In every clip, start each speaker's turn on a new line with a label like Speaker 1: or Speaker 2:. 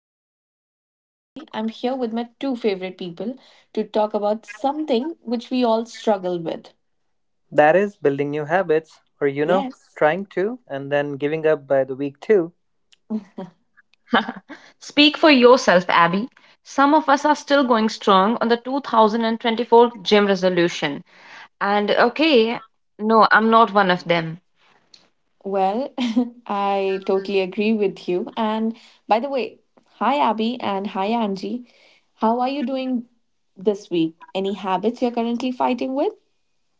Speaker 1: Grace, and today I'm here with my two favorite people to talk about something which we all struggle with.
Speaker 2: That is building new habits, or
Speaker 1: Yes.
Speaker 2: trying to, and then giving up by the week 2.
Speaker 3: Speak for yourself, Abby. Some of us are still going strong on the 2024 gym resolution. And okay, no, I'm not one of them.
Speaker 1: Well, I totally agree with you. And by the way, hi Abby and hi Angie. How are you doing this week? Any habits you're currently fighting with?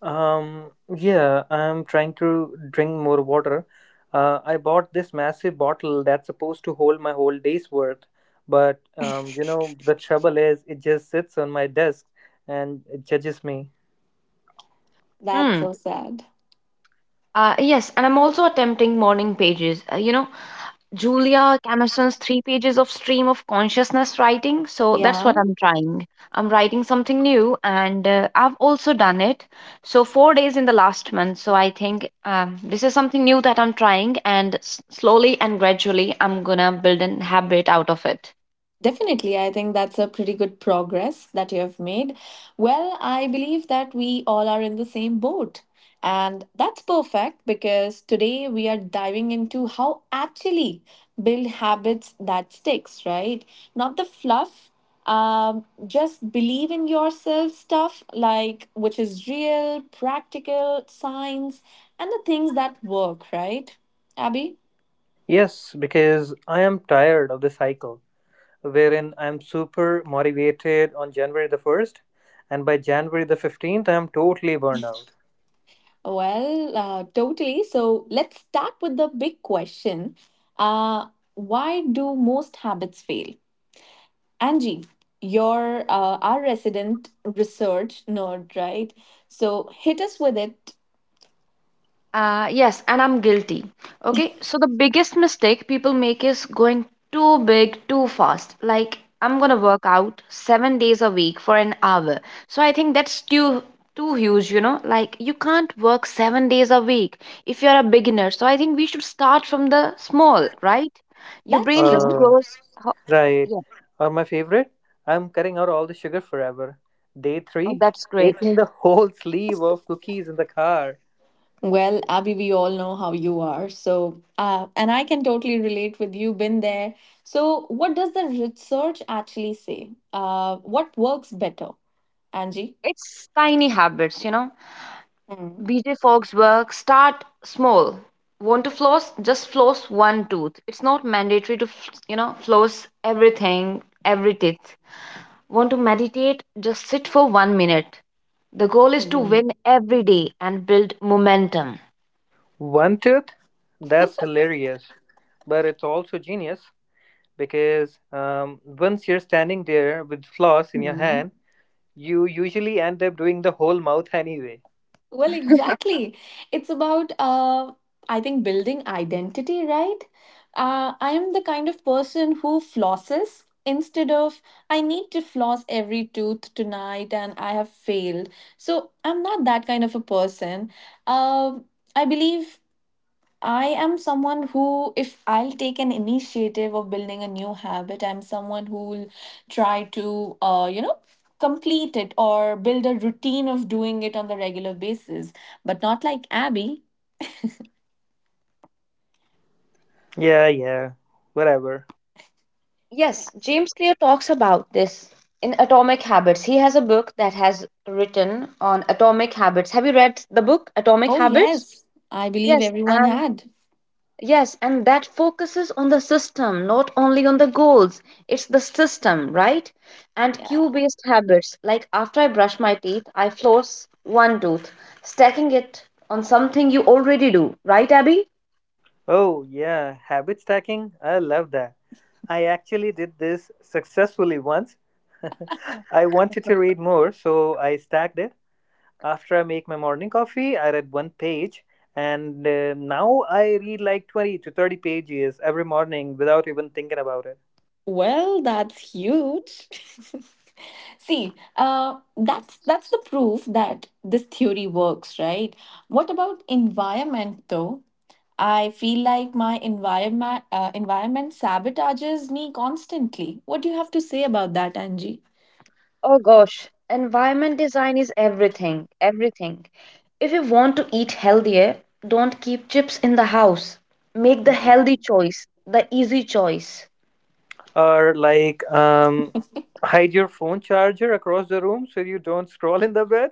Speaker 2: Yeah, I'm trying to drink more water. I bought this massive bottle that's supposed to hold my whole day's worth, but the trouble is it just sits on my desk and it judges me.
Speaker 1: That's
Speaker 3: Hmm.
Speaker 1: so sad.
Speaker 3: Yes, and I'm also attempting morning pages. Julia Camerson's three pages of stream of consciousness writing. So that's what
Speaker 1: Yeah.
Speaker 3: I'm trying. I'm writing something new, and I've also done it. So 4 days in the last month. So I think this is something new that I'm trying, and slowly and gradually, I'm gonna build an habit out of it.
Speaker 1: Definitely, I think that's a pretty good progress that you have made. Well, I believe that we all are in the same boat. And that's perfect because today we are diving into how actually build habits that sticks, right? Not the fluff, just believe in yourself stuff like which is real, practical, science, and the things that work, right? Abby?
Speaker 2: Yes, because I am tired of the cycle wherein I'm super motivated on January the 1st, and by January the 15th, I'm totally burned out.
Speaker 1: Well, totally. So let's start with the big question. Uh, why do most habits fail? Angie, you're our resident research nerd, right? So hit us with it.
Speaker 3: Yes, and I'm guilty. Okay, so the biggest mistake people make is going too big too fast. Like, I'm gonna work out 7 days a week for an hour. So I think that's too huge, you know? Like, you can't work 7 days a week if you're a beginner. So I think we should start from the small, right? Your
Speaker 1: That's
Speaker 3: brain just
Speaker 1: true.
Speaker 2: Uh,
Speaker 3: grows.
Speaker 2: Right.
Speaker 3: Yeah,
Speaker 2: Or my favorite, I'm cutting out all the sugar forever. Day
Speaker 3: oh,
Speaker 2: three,
Speaker 3: that's
Speaker 2: eating
Speaker 3: great.
Speaker 2: the whole sleeve of cookies in the car.
Speaker 1: Well, Abby, we all know how you are. So, and I can totally relate with you, been there. So, what does the research actually say? What works better, Angie?
Speaker 3: It's tiny habits, you know?
Speaker 1: Mm.
Speaker 3: BJ Fogg's work start small. Want to floss? Just floss one tooth. It's not mandatory to, floss everything, every teeth. Want to meditate? Just sit for 1 minute. The goal is to win every day and build momentum.
Speaker 2: One tooth? That's hilarious. But it's also genius because once you're standing there with floss in your
Speaker 1: Mm.
Speaker 2: hand, you usually end up doing the whole mouth anyway.
Speaker 1: Well, exactly. It's about, I think, building identity, right? I am the kind of person who flosses instead of I need to floss every tooth tonight and I have failed. So I'm not that kind of a person. Um I believe I am someone who, if I'll take an initiative of building a new habit, I'm someone who'll try to, complete it or build a routine of doing it on the regular basis. But not like Abby.
Speaker 2: Yeah, yeah. Whatever.
Speaker 3: Yes, James Clear talks about this in Atomic Habits. He has a book that has written on atomic habits. Have you read the book Atomic
Speaker 1: Oh,
Speaker 3: Habits?
Speaker 1: yes. I believe
Speaker 3: Yes,
Speaker 1: everyone
Speaker 3: and
Speaker 1: had.
Speaker 3: Yes, and that focuses on the system, not only on the goals. It's the system, right? And cue
Speaker 1: Yeah.
Speaker 3: based habits, like after I brush my teeth, I floss one tooth, stacking it on something you already do, right, Abby?
Speaker 2: Oh, yeah. Habit stacking? I love that. I actually did this successfully once. I wanted to read more, so I stacked it. After I make my morning coffee, I read one page, and now I read like 20 to 30 pages every morning without even thinking about it.
Speaker 1: Well, that's huge. See, that's the proof that this theory works, right? What about environment though? I feel like my environment environment sabotages me constantly. What do you have to say about that, Angie?
Speaker 3: Oh gosh, environment design is everything, everything. If you want to eat healthier, don't keep chips in the house. Make the healthy choice, the easy choice.
Speaker 2: Or, like, hide your phone charger across the room so you don't scroll in the bed.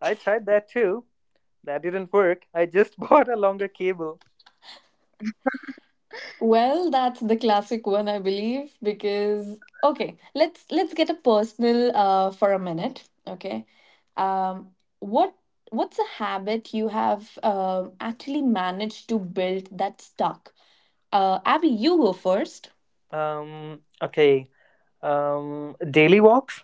Speaker 2: I tried that too. That didn't work. I just bought a longer cable.
Speaker 1: Well, that's the classic one, I believe, because okay, let's get a personal for a minute. Okay, um, what what's a habit you have actually managed to build that stuck? Abby, you go first.
Speaker 2: Okay. Daily walks.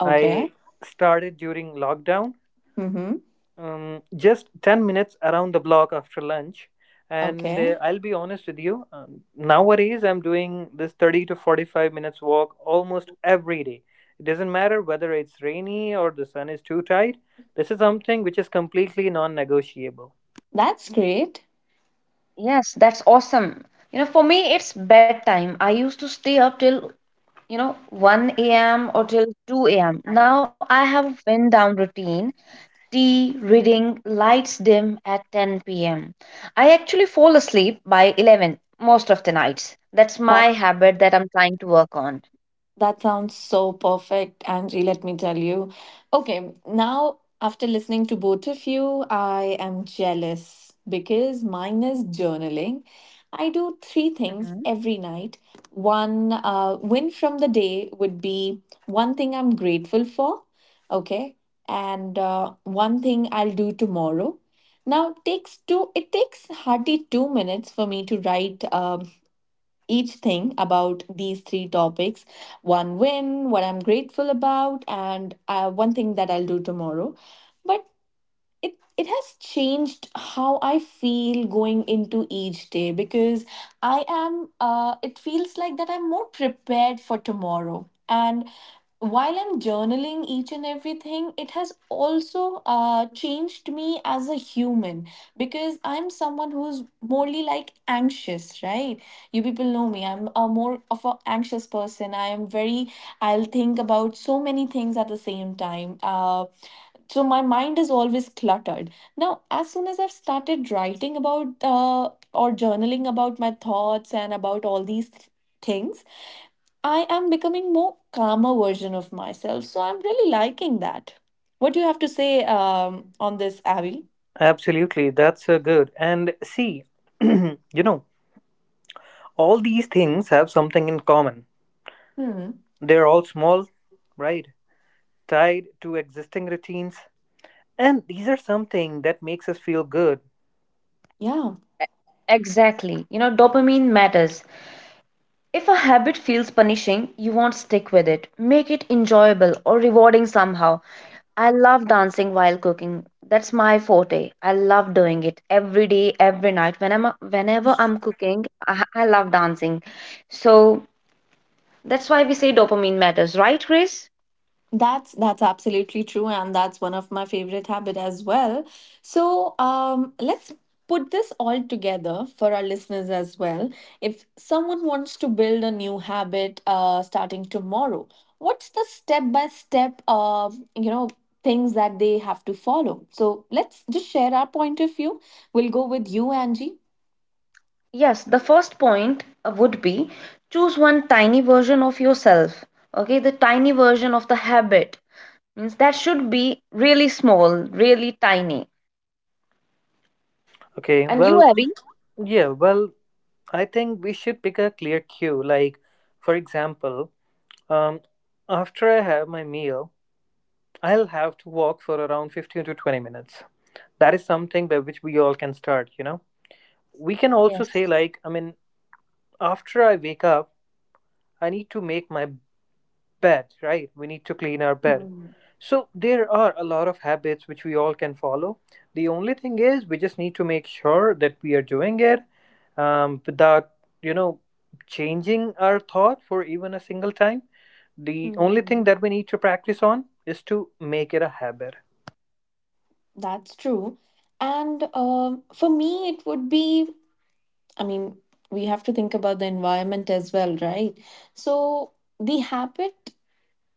Speaker 1: Okay.
Speaker 2: I started during lockdown,
Speaker 1: Mm-hmm.
Speaker 2: just 10 minutes around the block after lunch. And
Speaker 1: Okay.
Speaker 2: I'll be honest with you, nowadays I'm doing this 30 to 45 minutes walk almost every day. It doesn't matter whether it's rainy or the sun is too tight; this is something which is completely non negotiable.
Speaker 1: That's great.
Speaker 3: Yes, that's awesome. You know, for me, it's bedtime. I used to stay up till, 1 a.m. or till 2 a.m. Now I have a wind down routine, tea, reading, lights dim at 10 p.m. I actually fall asleep by 11 most of the nights. That's my
Speaker 1: That.
Speaker 3: habit that I'm trying to work on.
Speaker 1: That sounds so perfect, Angie, let me tell you. Okay, now after listening to both of you, I am jealous because mine is journaling. I do three
Speaker 3: Mhm.
Speaker 1: things every night. One win from the day would be one thing I'm grateful for, okay, and one thing I'll do tomorrow. Now takes two. It takes hardly 2 minutes for me to write. Each thing about these three topics one win, what I'm grateful about, and one thing that I'll do tomorrow. But it it has changed how I feel going into each day because I am it feels like that I'm more prepared for tomorrow, and while I'm journaling each and everything, it has also changed me as a human because I'm someone who's morely like anxious, right? You people know me, I'm a more of an anxious person. I am very, I'll think about so many things at the same time, so my mind is always cluttered. Now, as soon as I've started writing about uh, or journaling about my thoughts and about all these things, I am becoming more calmer version of myself, so I'm really liking that. What do you have to say on this, Abby?
Speaker 2: Absolutely, that's good. And see, you know, all these things have something in common.
Speaker 1: Hmm.
Speaker 2: They're all small, right? Tied to existing routines, and these are something that makes us feel good.
Speaker 1: Yeah.
Speaker 3: Exactly. You know, dopamine matters. If a habit feels punishing, you won't stick with it. Make it enjoyable or rewarding somehow. I love dancing while cooking. That's my forte. I love doing it every day, every night. Whenever I'm cooking, I love dancing. So that's why we say dopamine matters, right, Chris?
Speaker 1: That's absolutely true, and that's one of my favorite habit as well. So let's put this all together for our listeners as well. If someone wants to build a new habit starting tomorrow, what's the step by step you know things that they have to follow? So let's just share our point of view. We'll go with you, Angie.
Speaker 3: Yes, the first point would be choose one tiny version of yourself. Okay, the tiny version of the habit means that should be really small, really tiny.
Speaker 2: Okay,
Speaker 3: And you,
Speaker 2: well,
Speaker 3: Abby?
Speaker 2: yeah, well, I think we should pick a clear cue. Like, for example, um, after I have my meal, I'll have to walk for around 15 to 20 minutes. That is something by which we all can start, you know? We can also
Speaker 3: Yes,
Speaker 2: say, like, I mean, after I wake up, I need to make my bed, right? We need to clean our bed.
Speaker 1: Hmm.
Speaker 2: So there are a lot of habits which we all can follow. The only thing is we just need to make sure that we are doing it, without, you know, changing our thought for even a single time. The only
Speaker 1: Hmm.
Speaker 2: thing that we need to practice on is to make it a habit.
Speaker 1: That's true. And for me, it would be I mean, we have to think about the environment as well, right? So the habit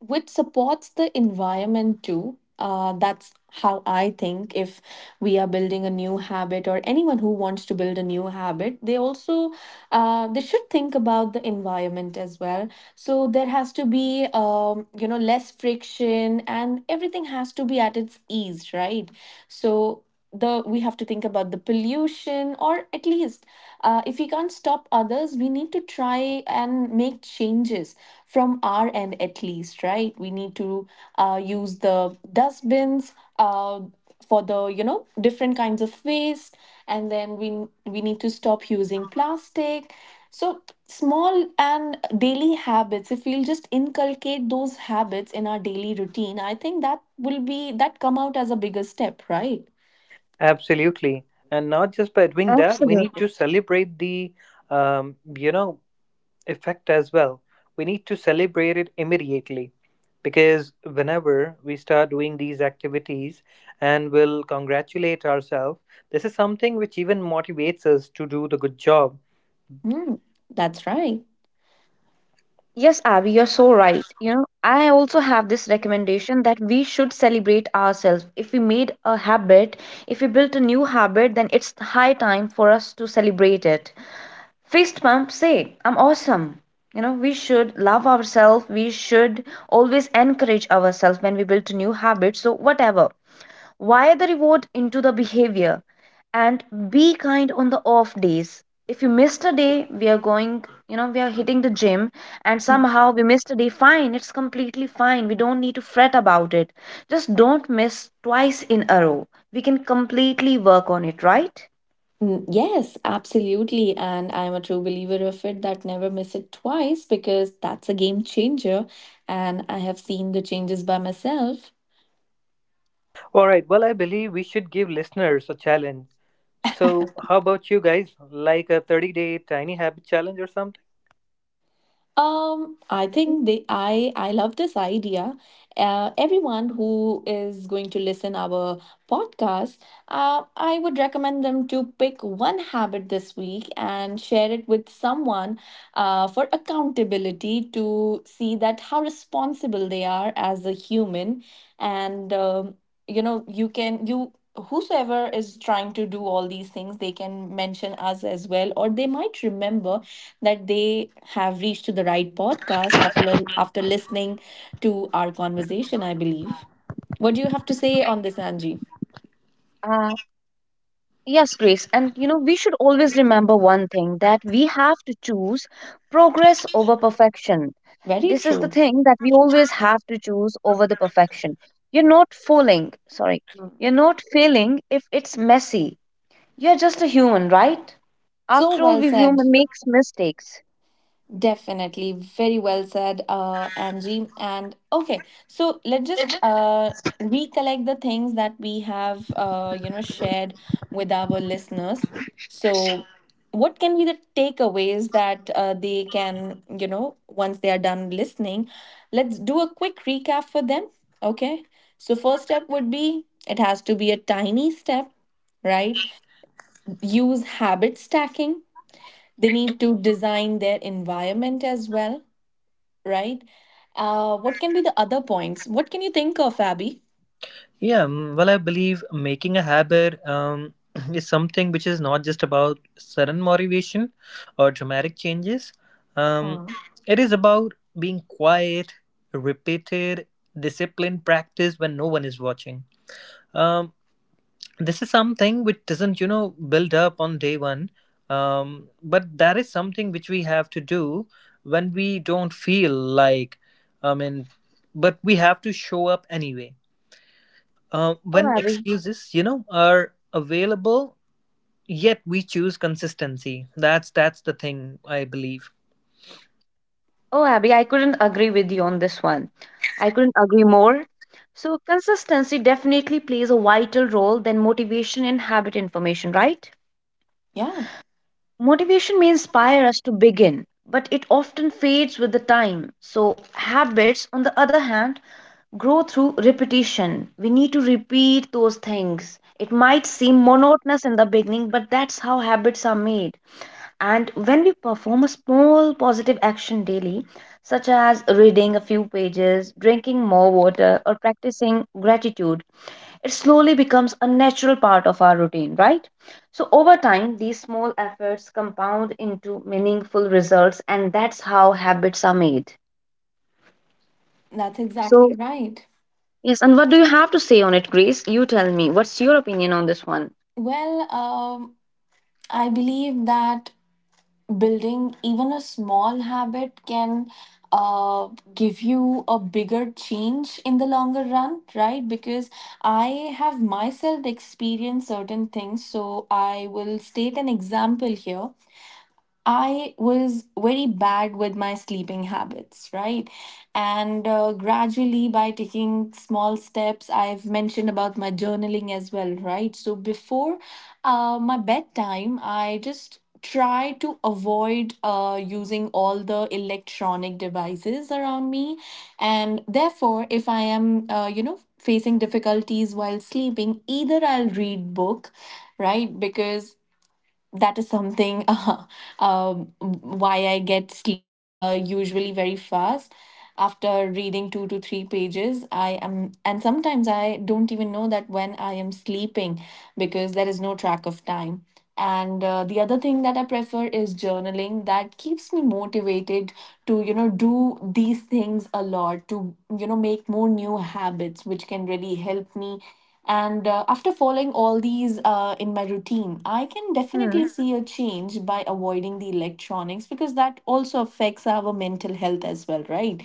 Speaker 1: which supports the environment too. That's how I think. If we are building a new habit, or anyone who wants to build a new habit, they also they should think about the environment as well. So there has to be you know less friction, and everything has to be at its ease, right? So the we have to think about the pollution or at least if we can't stop others, we need to try and make changes from our end at least, right? We need to use the dustbins uh, for the, you know, different kinds of waste, and then we need to stop using plastic. So small and daily habits, if we'll just inculcate those habits in our daily routine, I think that will be that come out as a bigger step, right?
Speaker 2: Absolutely. And not just by doing
Speaker 3: absolutely.
Speaker 2: that, we need to celebrate the, um, you know, effect as well. We need to celebrate it immediately because whenever we start doing these activities and will congratulate ourselves, this is something which even motivates us to do the good job.
Speaker 1: Mm, that's right.
Speaker 3: Yes, Abby, you're so right. You know, I also have this recommendation that we should celebrate ourselves. If we made a habit, if we built a new habit, then it's high time for us to celebrate it. Fist pump, say, I'm awesome. You know, we should love ourselves. We should always encourage ourselves when we build a new habit. So, whatever. Wire the reward into the behavior and be kind on the off days. If you missed a day, we are going, we are hitting the gym and somehow we missed a day, fine, it's completely fine. We don't need to fret about it. Just don't miss twice in a row. We can completely work on it, right?
Speaker 1: Mm, yes, absolutely. And I'm a true believer of it that never miss it twice because that's a game changer. And I have seen the changes by myself.
Speaker 2: All right, well, I believe we should give listeners a challenge. So, how about you guys? Like a 30-day tiny habit challenge or something?
Speaker 1: I think they I love this idea. Everyone who is going to listen our podcast, I would recommend them to pick one habit this week and share it with someone for accountability to see that how responsible they are as a human. And you know, you can you whosoever is trying to do all these things, they can mention us as well, or they might remember that they have reached to the right podcast after listening to our conversation, I believe. What do you have to say on this, Angie?
Speaker 3: Uh, Yes, Grace. And you know, we should always remember one thing that we have to choose progress over perfection.
Speaker 1: Very
Speaker 3: This is the
Speaker 1: true.
Speaker 3: thing that we always have to choose over the perfection. You're not falling, sorry, you're not failing if it's messy. You're just a human, right?
Speaker 1: So
Speaker 3: After all,
Speaker 1: well
Speaker 3: we
Speaker 1: said.
Speaker 3: human makes mistakes.
Speaker 1: Definitely, very well said, Angie. And okay, so let's just recollect the things that we have, shared with our listeners. So, what can be the takeaways that they can, you know, once they are done listening? Let's do a quick recap for them. Okay, so first step would be it has to be a tiny step, right? Use habit stacking. They need to design their environment as well, right? What can be the other points? What can you think of, Abby?
Speaker 2: Yeah, well, I believe making a habit is something which is not just about sudden motivation or dramatic changes. Um,
Speaker 1: Hmm.
Speaker 2: it is about being quiet, repeated, disciplined practice when no one is watching. Um, this is something which doesn't build up on day 1, but that is something which we have to do when we don't feel like, I mean, but we have to show up anyway
Speaker 3: Oh,
Speaker 2: when
Speaker 3: Abby.
Speaker 2: excuses are available, yet we choose consistency. That's the thing I believe.
Speaker 3: Oh, Abby, I couldn't agree with you on this one. I couldn't agree more. So, consistency definitely plays a vital role than motivation in habit information, right?
Speaker 1: Yeah,
Speaker 3: Motivation may inspire us to begin, but it often fades with the time. So, habits, on the other hand, grow through repetition. We need to repeat those things. It might seem monotonous in the beginning, but that's how habits are made. And when we perform a small positive action daily, such as reading a few pages, drinking more water, or practicing gratitude, it slowly becomes a natural part of our routine, right? So, over time, these small efforts compound into meaningful results, and that's how habits are made.
Speaker 1: that's
Speaker 3: So,
Speaker 1: exactly right.
Speaker 3: yes, and what do you have to say on it, Grace? You tell me, what's your opinion on this one?
Speaker 1: Well, I believe that building even a small habit can uh, give you a bigger change in the longer run, right? Because I have myself experienced certain things. So I will state an example here. I was very bad with my sleeping habits, right? And gradually, by taking small steps, I've mentioned about my journaling as well, right? So before my bedtime, I just try to avoid using all the electronic devices around me. And therefore, if I am, facing difficulties while sleeping, either I'll read book, right? Because that is something why I get sleep usually very fast after reading two to three pages. I am, and sometimes I don't even know that when I am sleeping, because there is no track of time. And the other thing that I prefer is journaling, that keeps me motivated to, you know, do these things a lot to, you know, make more new habits which can really help me. And after following all these in my routine, I can definitely see a
Speaker 3: Hmm.
Speaker 1: change by avoiding the electronics, because that also affects our mental health as well, right?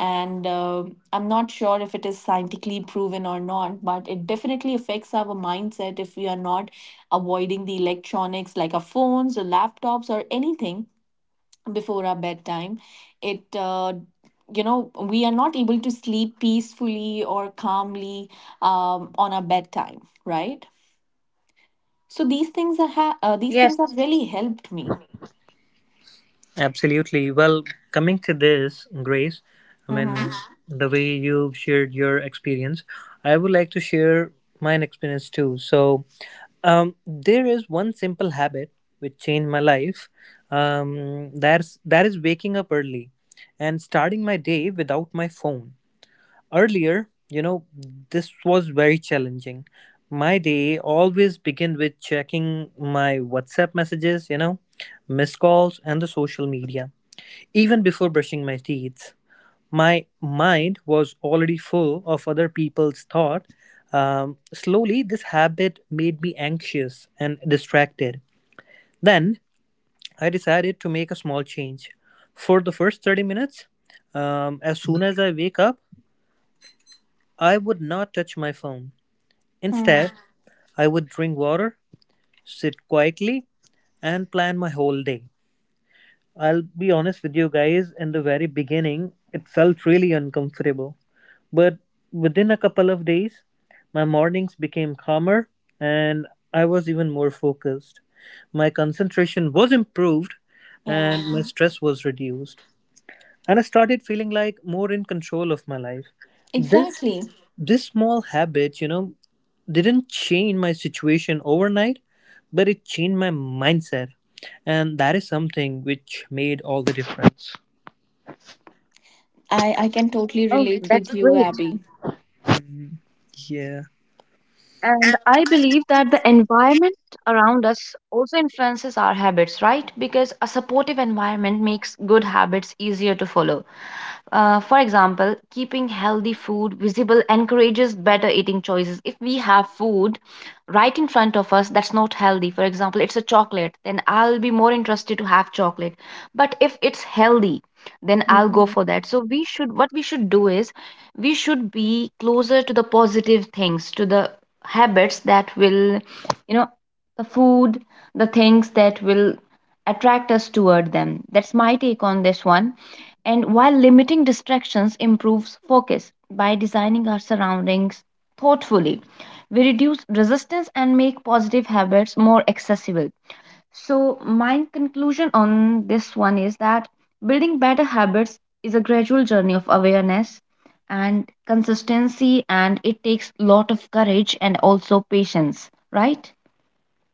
Speaker 1: And I'm not sure if it is scientifically proven or not, but it definitely affects our mindset. If we are not avoiding the electronics like our phones or laptops or anything before our bedtime, it we are not able to sleep peacefully or calmly on our bedtime, right? So these things are
Speaker 3: Yes.
Speaker 1: ha- uh, these things have really helped me.
Speaker 2: Absolutely. Well, coming to this, Grace, I mean,
Speaker 1: Mm-hmm.
Speaker 2: the way you've shared your experience, I would like to share mine experience too. So, there is one simple habit which changed my life. That is waking up early and starting my day without my phone. Earlier, this was very challenging. My day always begin with checking my WhatsApp messages, missed calls, and the social media. Even before brushing my teeth, my mind was already full of other people's thought. Slowly, this habit made me anxious and distracted. Then I decided to make a small change. For the first 30 minutes, as soon as I wake up, I would not touch my phone.
Speaker 1: Hmm.
Speaker 2: Instead, I would drink water, sit quietly, and plan my whole day. I'll be honest with you guys, in the very beginning, it felt really uncomfortable. But within a couple of days, my mornings became calmer and I was even more focused. My concentration was improved
Speaker 1: Yeah,
Speaker 2: and my stress was reduced. And I started feeling like more in control of my life. This
Speaker 1: exactly.
Speaker 2: this small habit didn't change my situation overnight, but it changed my mindset. And that is something which made all the difference.
Speaker 1: I can totally
Speaker 3: Oh,
Speaker 1: relate
Speaker 3: that's
Speaker 1: with you,
Speaker 3: great.
Speaker 1: Abby.
Speaker 2: Yeah,
Speaker 3: And I believe that the environment around us also influences our habits, right? Because a supportive environment makes good habits easier to follow. For example, keeping healthy food visible encourages better eating choices. If we have food right in front of us that's not healthy, for example, it's a chocolate, then I'll be more interested to have chocolate. But if it's healthy, then I'll go for that. So
Speaker 1: Mm-hmm.
Speaker 3: we should what we should do is we should be closer to the positive things, to the habits that will you know the food, the things that will attract us toward them. That's my take on this one. And while limiting distractions improves focus by designing our surroundings thoughtfully, we reduce resistance and make positive habits more accessible. So, my conclusion on this one is that building better habits is a gradual journey of awareness and consistency, and it takes lot of courage and also patience, right?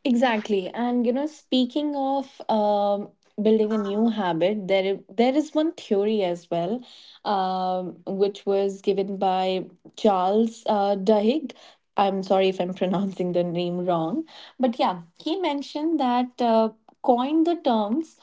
Speaker 1: Exactly. And you know, speaking of building a new habit, there is one theory as well, which was given by Charles Duhigg. I'm sorry if I'm pronouncing the name wrong, but yeah, he mentioned that coined the terms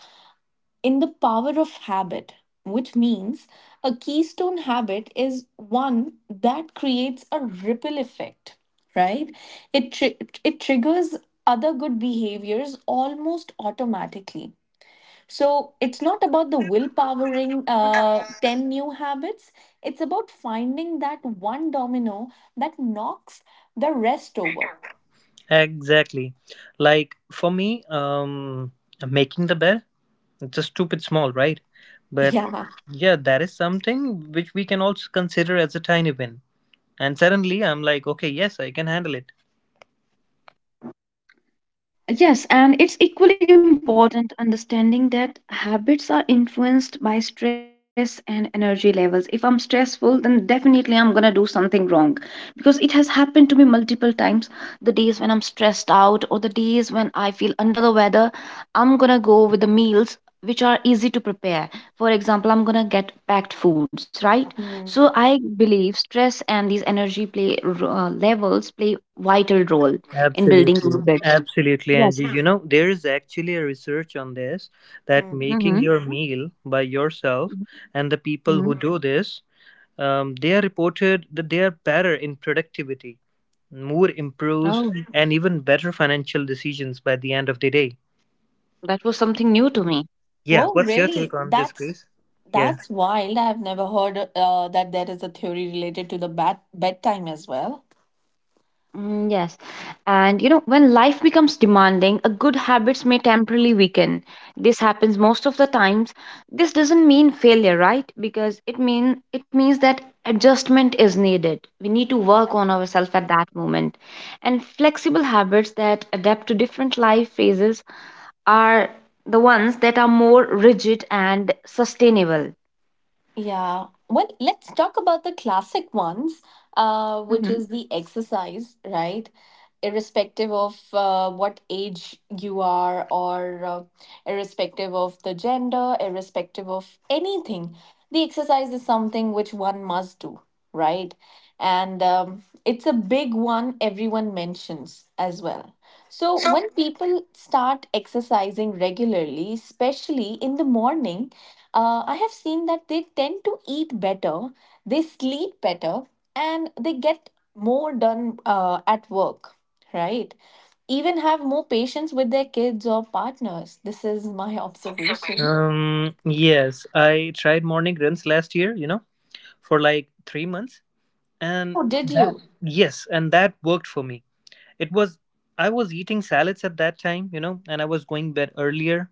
Speaker 1: in The Power of Habit, which means a keystone habit is one that creates a ripple effect, right? It, tri- it triggers other good behaviors almost automatically. So it's not about the willpowering 10 new habits, it's about finding that one domino that knocks the rest over.
Speaker 2: exactly. Like for me, making the bed, it's a stupid small, right? But
Speaker 1: Yeah.
Speaker 2: yeah, that is something which we can also consider as a tiny win. And suddenly I'm like, okay, yes, I can handle it.
Speaker 3: Yes, and it's equally important understanding that habits are influenced by stress and energy levels. If I'm stressful, then definitely I'm gonna do something wrong because it has happened to me multiple times. The days when I'm stressed out or the days when I feel under the weather, I'm gonna go with the meals which are easy to prepare. For example, I'm gonna get packed foods, right?
Speaker 1: Hmm.
Speaker 3: So I believe stress and these energy play levels play vital role in building
Speaker 2: Absolutely,
Speaker 3: habits.
Speaker 2: absolutely, Angie.
Speaker 3: Yes,
Speaker 2: There is actually a research on this that
Speaker 1: Hmm.
Speaker 2: making
Speaker 3: Mhm.
Speaker 2: your meal by yourself
Speaker 3: Mhm.
Speaker 2: and the people who
Speaker 3: Mhm.
Speaker 2: do this, they are reported that they are better in productivity, more improves,
Speaker 3: Oh,
Speaker 2: and even better financial decisions by the end of the day.
Speaker 3: that was something new to me.
Speaker 2: Yeah,
Speaker 1: Whoa,
Speaker 2: what's your take
Speaker 1: really?
Speaker 2: on this, Grace? Yeah.
Speaker 1: That's wild. I have never heard that there is a theory related to the bat bedtime as well.
Speaker 3: Mm, yes. And you know, when life becomes demanding, a good habits may temporarily weaken. This happens most of the times. This doesn't mean failure, right? Because it means that adjustment is needed. We need to work on ourselves at that moment. And flexible habits that adapt to different life phases are the ones that are more rigid and sustainable.
Speaker 1: Yeah. Well, let's talk about the classic ones, which
Speaker 3: Mhm.
Speaker 1: is the exercise, right? Irrespective of what age you are, or irrespective of the gender, irrespective of anything, the exercise is something which one must do, right? And it's a big one everyone mentions as well. So when people start exercising regularly, especially in the morning, I have seen that they tend to eat better, they sleep better, and they get more done at work, right? Even have more patience with their kids or partners. This is my observation.
Speaker 2: Yes, I tried morning runs last year. For like 3 months, and
Speaker 1: Oh, did
Speaker 2: that
Speaker 1: you?
Speaker 2: yes, and that worked for me. It was I was eating salads at that time, and I was going bed earlier,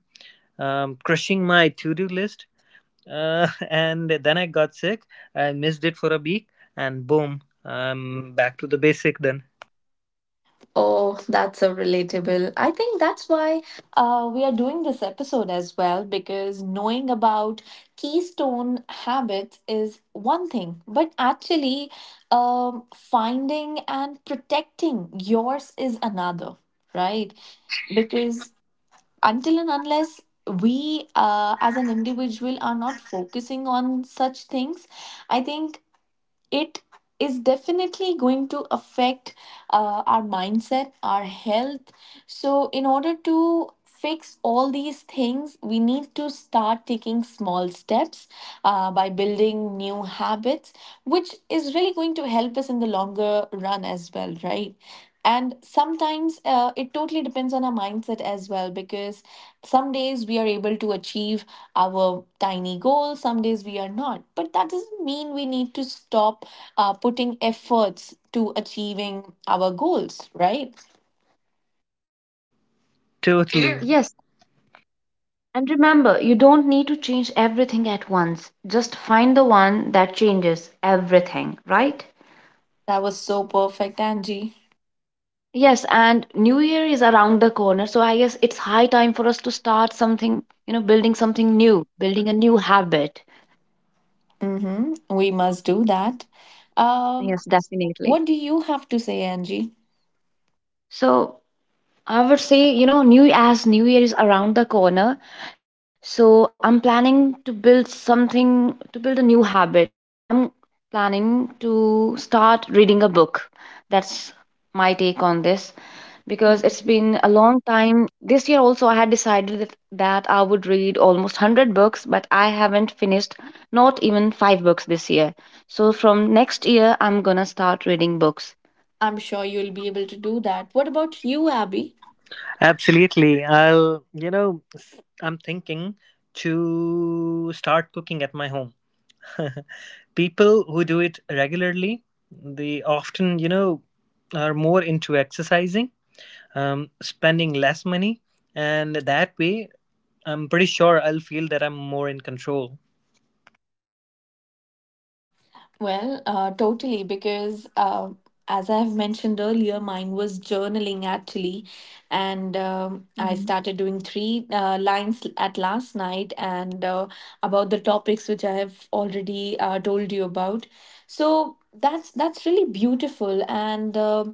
Speaker 2: crushing my to-do list. And then I got sick. I missed it for a week, and boom, I'm back to the basic then.
Speaker 1: Oh, that's so relatable. I think that's why we are doing this episode as well, because knowing about keystone habits is one thing, but actually finding and protecting yours is another, right? Because until and unless we as an individual are not focusing on such things, I think it is definitely going to affect our mindset, our health, so, in order to fix all these things, we need to start taking small steps by building new habits, which is really going to help us in the longer run as well, right? And sometimes it totally depends on our mindset as well, because some days we are able to achieve our tiny goals, some days we are not. But that doesn't mean we need to stop putting efforts to achieving our goals, right?
Speaker 2: Totally,
Speaker 3: Yes, and remember, you don't need to change everything at once. Just find the one that changes everything, right?
Speaker 1: That was so perfect, Angie.
Speaker 3: Yes, and New Year is around the corner, so I guess it's high time for us to start something, you know, building something new, building a new habit.
Speaker 1: Hmm, we must do that. Um,
Speaker 3: Yes, definitely.
Speaker 1: what do you have to say, Angie?
Speaker 3: So, I would say, New Year is around the corner, so I'm planning to build a new habit. Like I'm planning to start reading a book. That's my take on this because it's
Speaker 1: Mhm.
Speaker 3: been a long time. This year also I had decided that I would read almost 100 books, but I haven't finished not even 5 books this year. So from next year I'm going to start reading books.
Speaker 1: I'm sure you'll be able to do that. What about you, Abby?
Speaker 2: absolutely. I'll, you know, s- I'm thinking to start cooking at my home. People who do it regularly, they often, are more into exercising, spending less money, and that way, I'm pretty sure I'll feel that I'm more in control.
Speaker 1: Well, totally, because as I have mentioned earlier, mine was journaling actually, and
Speaker 3: Mhm.
Speaker 1: I started doing three lines at last night and about the topics which I have already told you about. So that's really beautiful, and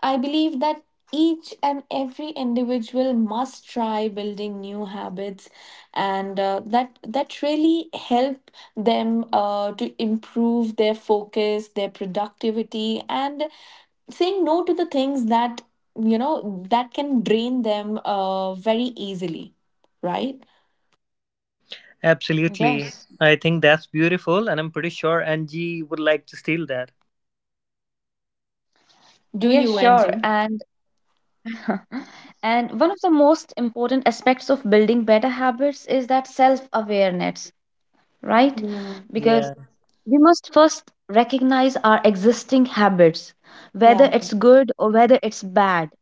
Speaker 1: I believe that each and every individual must try building new habits and that really help them to improve their focus their productivity and saying no to the things that you know that can drain them very easily, right?
Speaker 2: Absolutely.
Speaker 3: Yes.
Speaker 2: I think that's beautiful, and I'm pretty sure Angie would like to steal that.
Speaker 1: Do
Speaker 3: Yes,
Speaker 1: you,
Speaker 3: sure.
Speaker 1: Wendy?
Speaker 3: And and one of the most important aspects of building better habits is that self awareness, right?
Speaker 1: Hmm.
Speaker 3: Because
Speaker 2: Yeah.
Speaker 3: we must first recognize our existing habits, whether
Speaker 1: Yeah.
Speaker 3: it's good or whether it's bad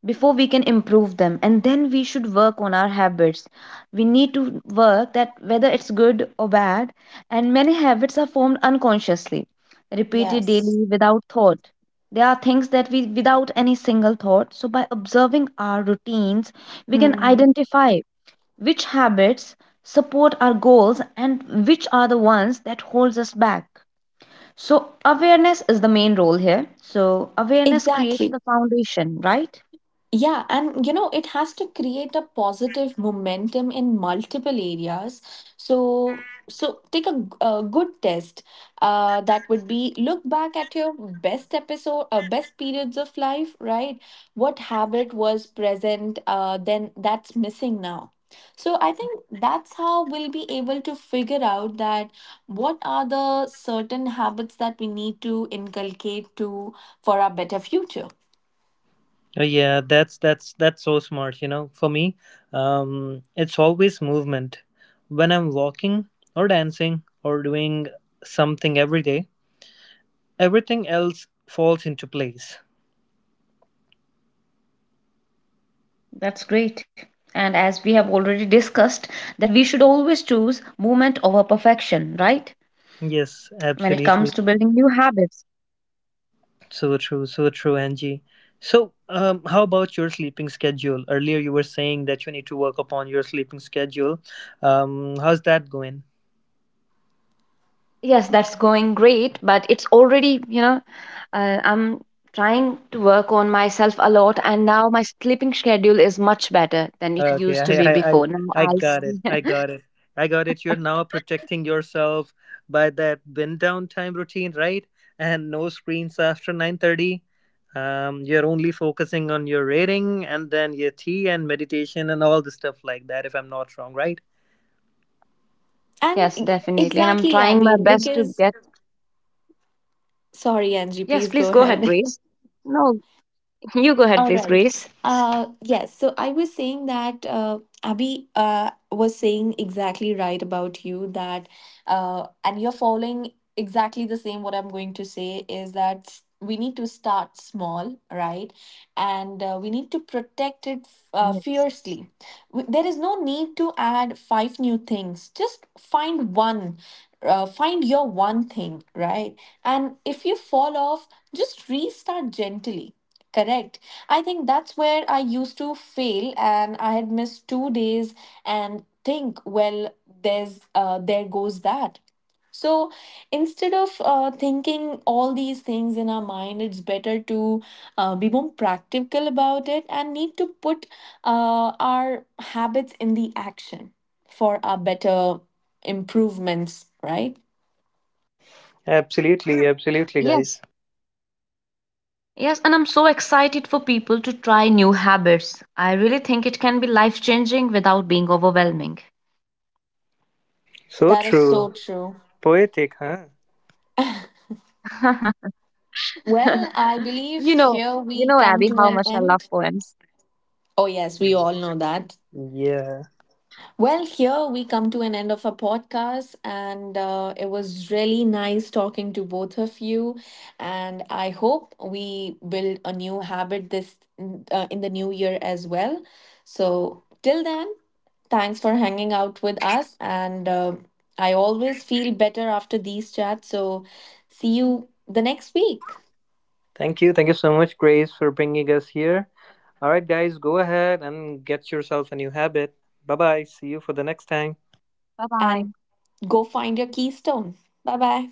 Speaker 3: before we can improve them, and then we should work on our habits. We need to work that whether it's good or bad, and many habits are formed unconsciously, repeated
Speaker 1: Yes.
Speaker 3: daily without thought. There are things that we without any single thought, so by observing our routines we can
Speaker 1: Hmm.
Speaker 3: identify which habits support our goals and which are the ones that holds us back. So awareness is the main role here. So awareness creates
Speaker 1: Exactly.
Speaker 3: the foundation, right?
Speaker 1: Yeah, and you know, it has to create a positive momentum in multiple areas. So, so take a, a good test. That would be look back at your best episode, best periods of life, right? What habit was present, then that's missing now. So I think that's how we'll be able to figure out that what are the certain habits that we need to inculcate to for our better future.
Speaker 2: Oh, yeah, that's so smart. For me, it's always movement. When I'm walking or dancing or doing something every day, everything else falls into place.
Speaker 3: That's great. And as we have already discussed, that we should always choose movement over perfection, right?
Speaker 2: Yes,
Speaker 3: When it
Speaker 2: absolutely.
Speaker 3: comes to building new habits.
Speaker 2: So true, Angie. So, how about your sleeping schedule? Earlier, you were saying that you need to work upon your sleeping schedule. How's that going?
Speaker 3: Yes, that's going great, but it's already, you know, I'm trying to work on myself a lot, and now my sleeping schedule is much better than it
Speaker 2: Okay, I,
Speaker 3: used to be
Speaker 2: I, I,
Speaker 3: before.
Speaker 2: I
Speaker 3: Now I
Speaker 2: got it. I
Speaker 3: see.
Speaker 2: got it. I got it. You're now protecting yourself by that wind down time routine, right? And no screens after 9:30. You're only focusing on your reading and then your tea and meditation and all the stuff like that. If I'm not wrong, right?
Speaker 1: And
Speaker 3: Yes,
Speaker 1: e,
Speaker 3: definitely. And I'm
Speaker 1: exactly,
Speaker 3: trying my
Speaker 1: Abby,
Speaker 3: best to
Speaker 1: because
Speaker 3: get
Speaker 1: sorry, Angie,
Speaker 3: Yes,
Speaker 1: please
Speaker 3: please
Speaker 1: go
Speaker 3: go ahead,
Speaker 1: ahead.
Speaker 3: Grace. No, you go ahead,
Speaker 1: All
Speaker 3: please,
Speaker 1: right.
Speaker 3: Grace.
Speaker 1: Yes. So I was saying that Abby was saying exactly right about you that, and you're following exactly the same. What I'm going to say is that we need to start small, right? And we need to protect it
Speaker 3: Yes.
Speaker 1: fiercely. There is no need to add five new things. Just find one. Find your one thing, right? And if you fall off, just restart gently. Correct. I think that's where I used to fail, and I had missed 2 days and think, well, there's there goes that. So instead of thinking all these things in our mind, it's better to be more practical about it and need to put our habits in the action for our better improvements, right?
Speaker 2: Absolutely, absolutely,
Speaker 3: Yes.
Speaker 2: guys.
Speaker 3: Yes, and I'm so excited for people to try new habits. I really think it can be life-changing without being overwhelming.
Speaker 2: So
Speaker 1: That is
Speaker 2: true.
Speaker 1: so true.
Speaker 2: Poetic, huh?
Speaker 1: Well, I
Speaker 3: you
Speaker 1: believe
Speaker 3: know,
Speaker 1: here
Speaker 3: you
Speaker 1: we
Speaker 3: know,
Speaker 1: come
Speaker 3: Abby,
Speaker 1: to
Speaker 3: how
Speaker 1: an
Speaker 3: much I love
Speaker 1: end.
Speaker 3: poems.
Speaker 1: Oh, yes, we all know that.
Speaker 2: Yeah.
Speaker 1: Well, here we come to an end of our podcast, and it was really nice talking to both of you. And I hope we build a new habit this in the new year as well. So, till then, thanks for hanging out with us. And I always feel better after these chats. So, see you the next week
Speaker 2: Thank you. Thank you so much, Grace, for bringing us here. All right, guys, go ahead and get yourself a new habit. Bye bye. See you for the next time.
Speaker 3: Bye
Speaker 1: and
Speaker 3: bye.
Speaker 1: go find your keystone. Bye bye.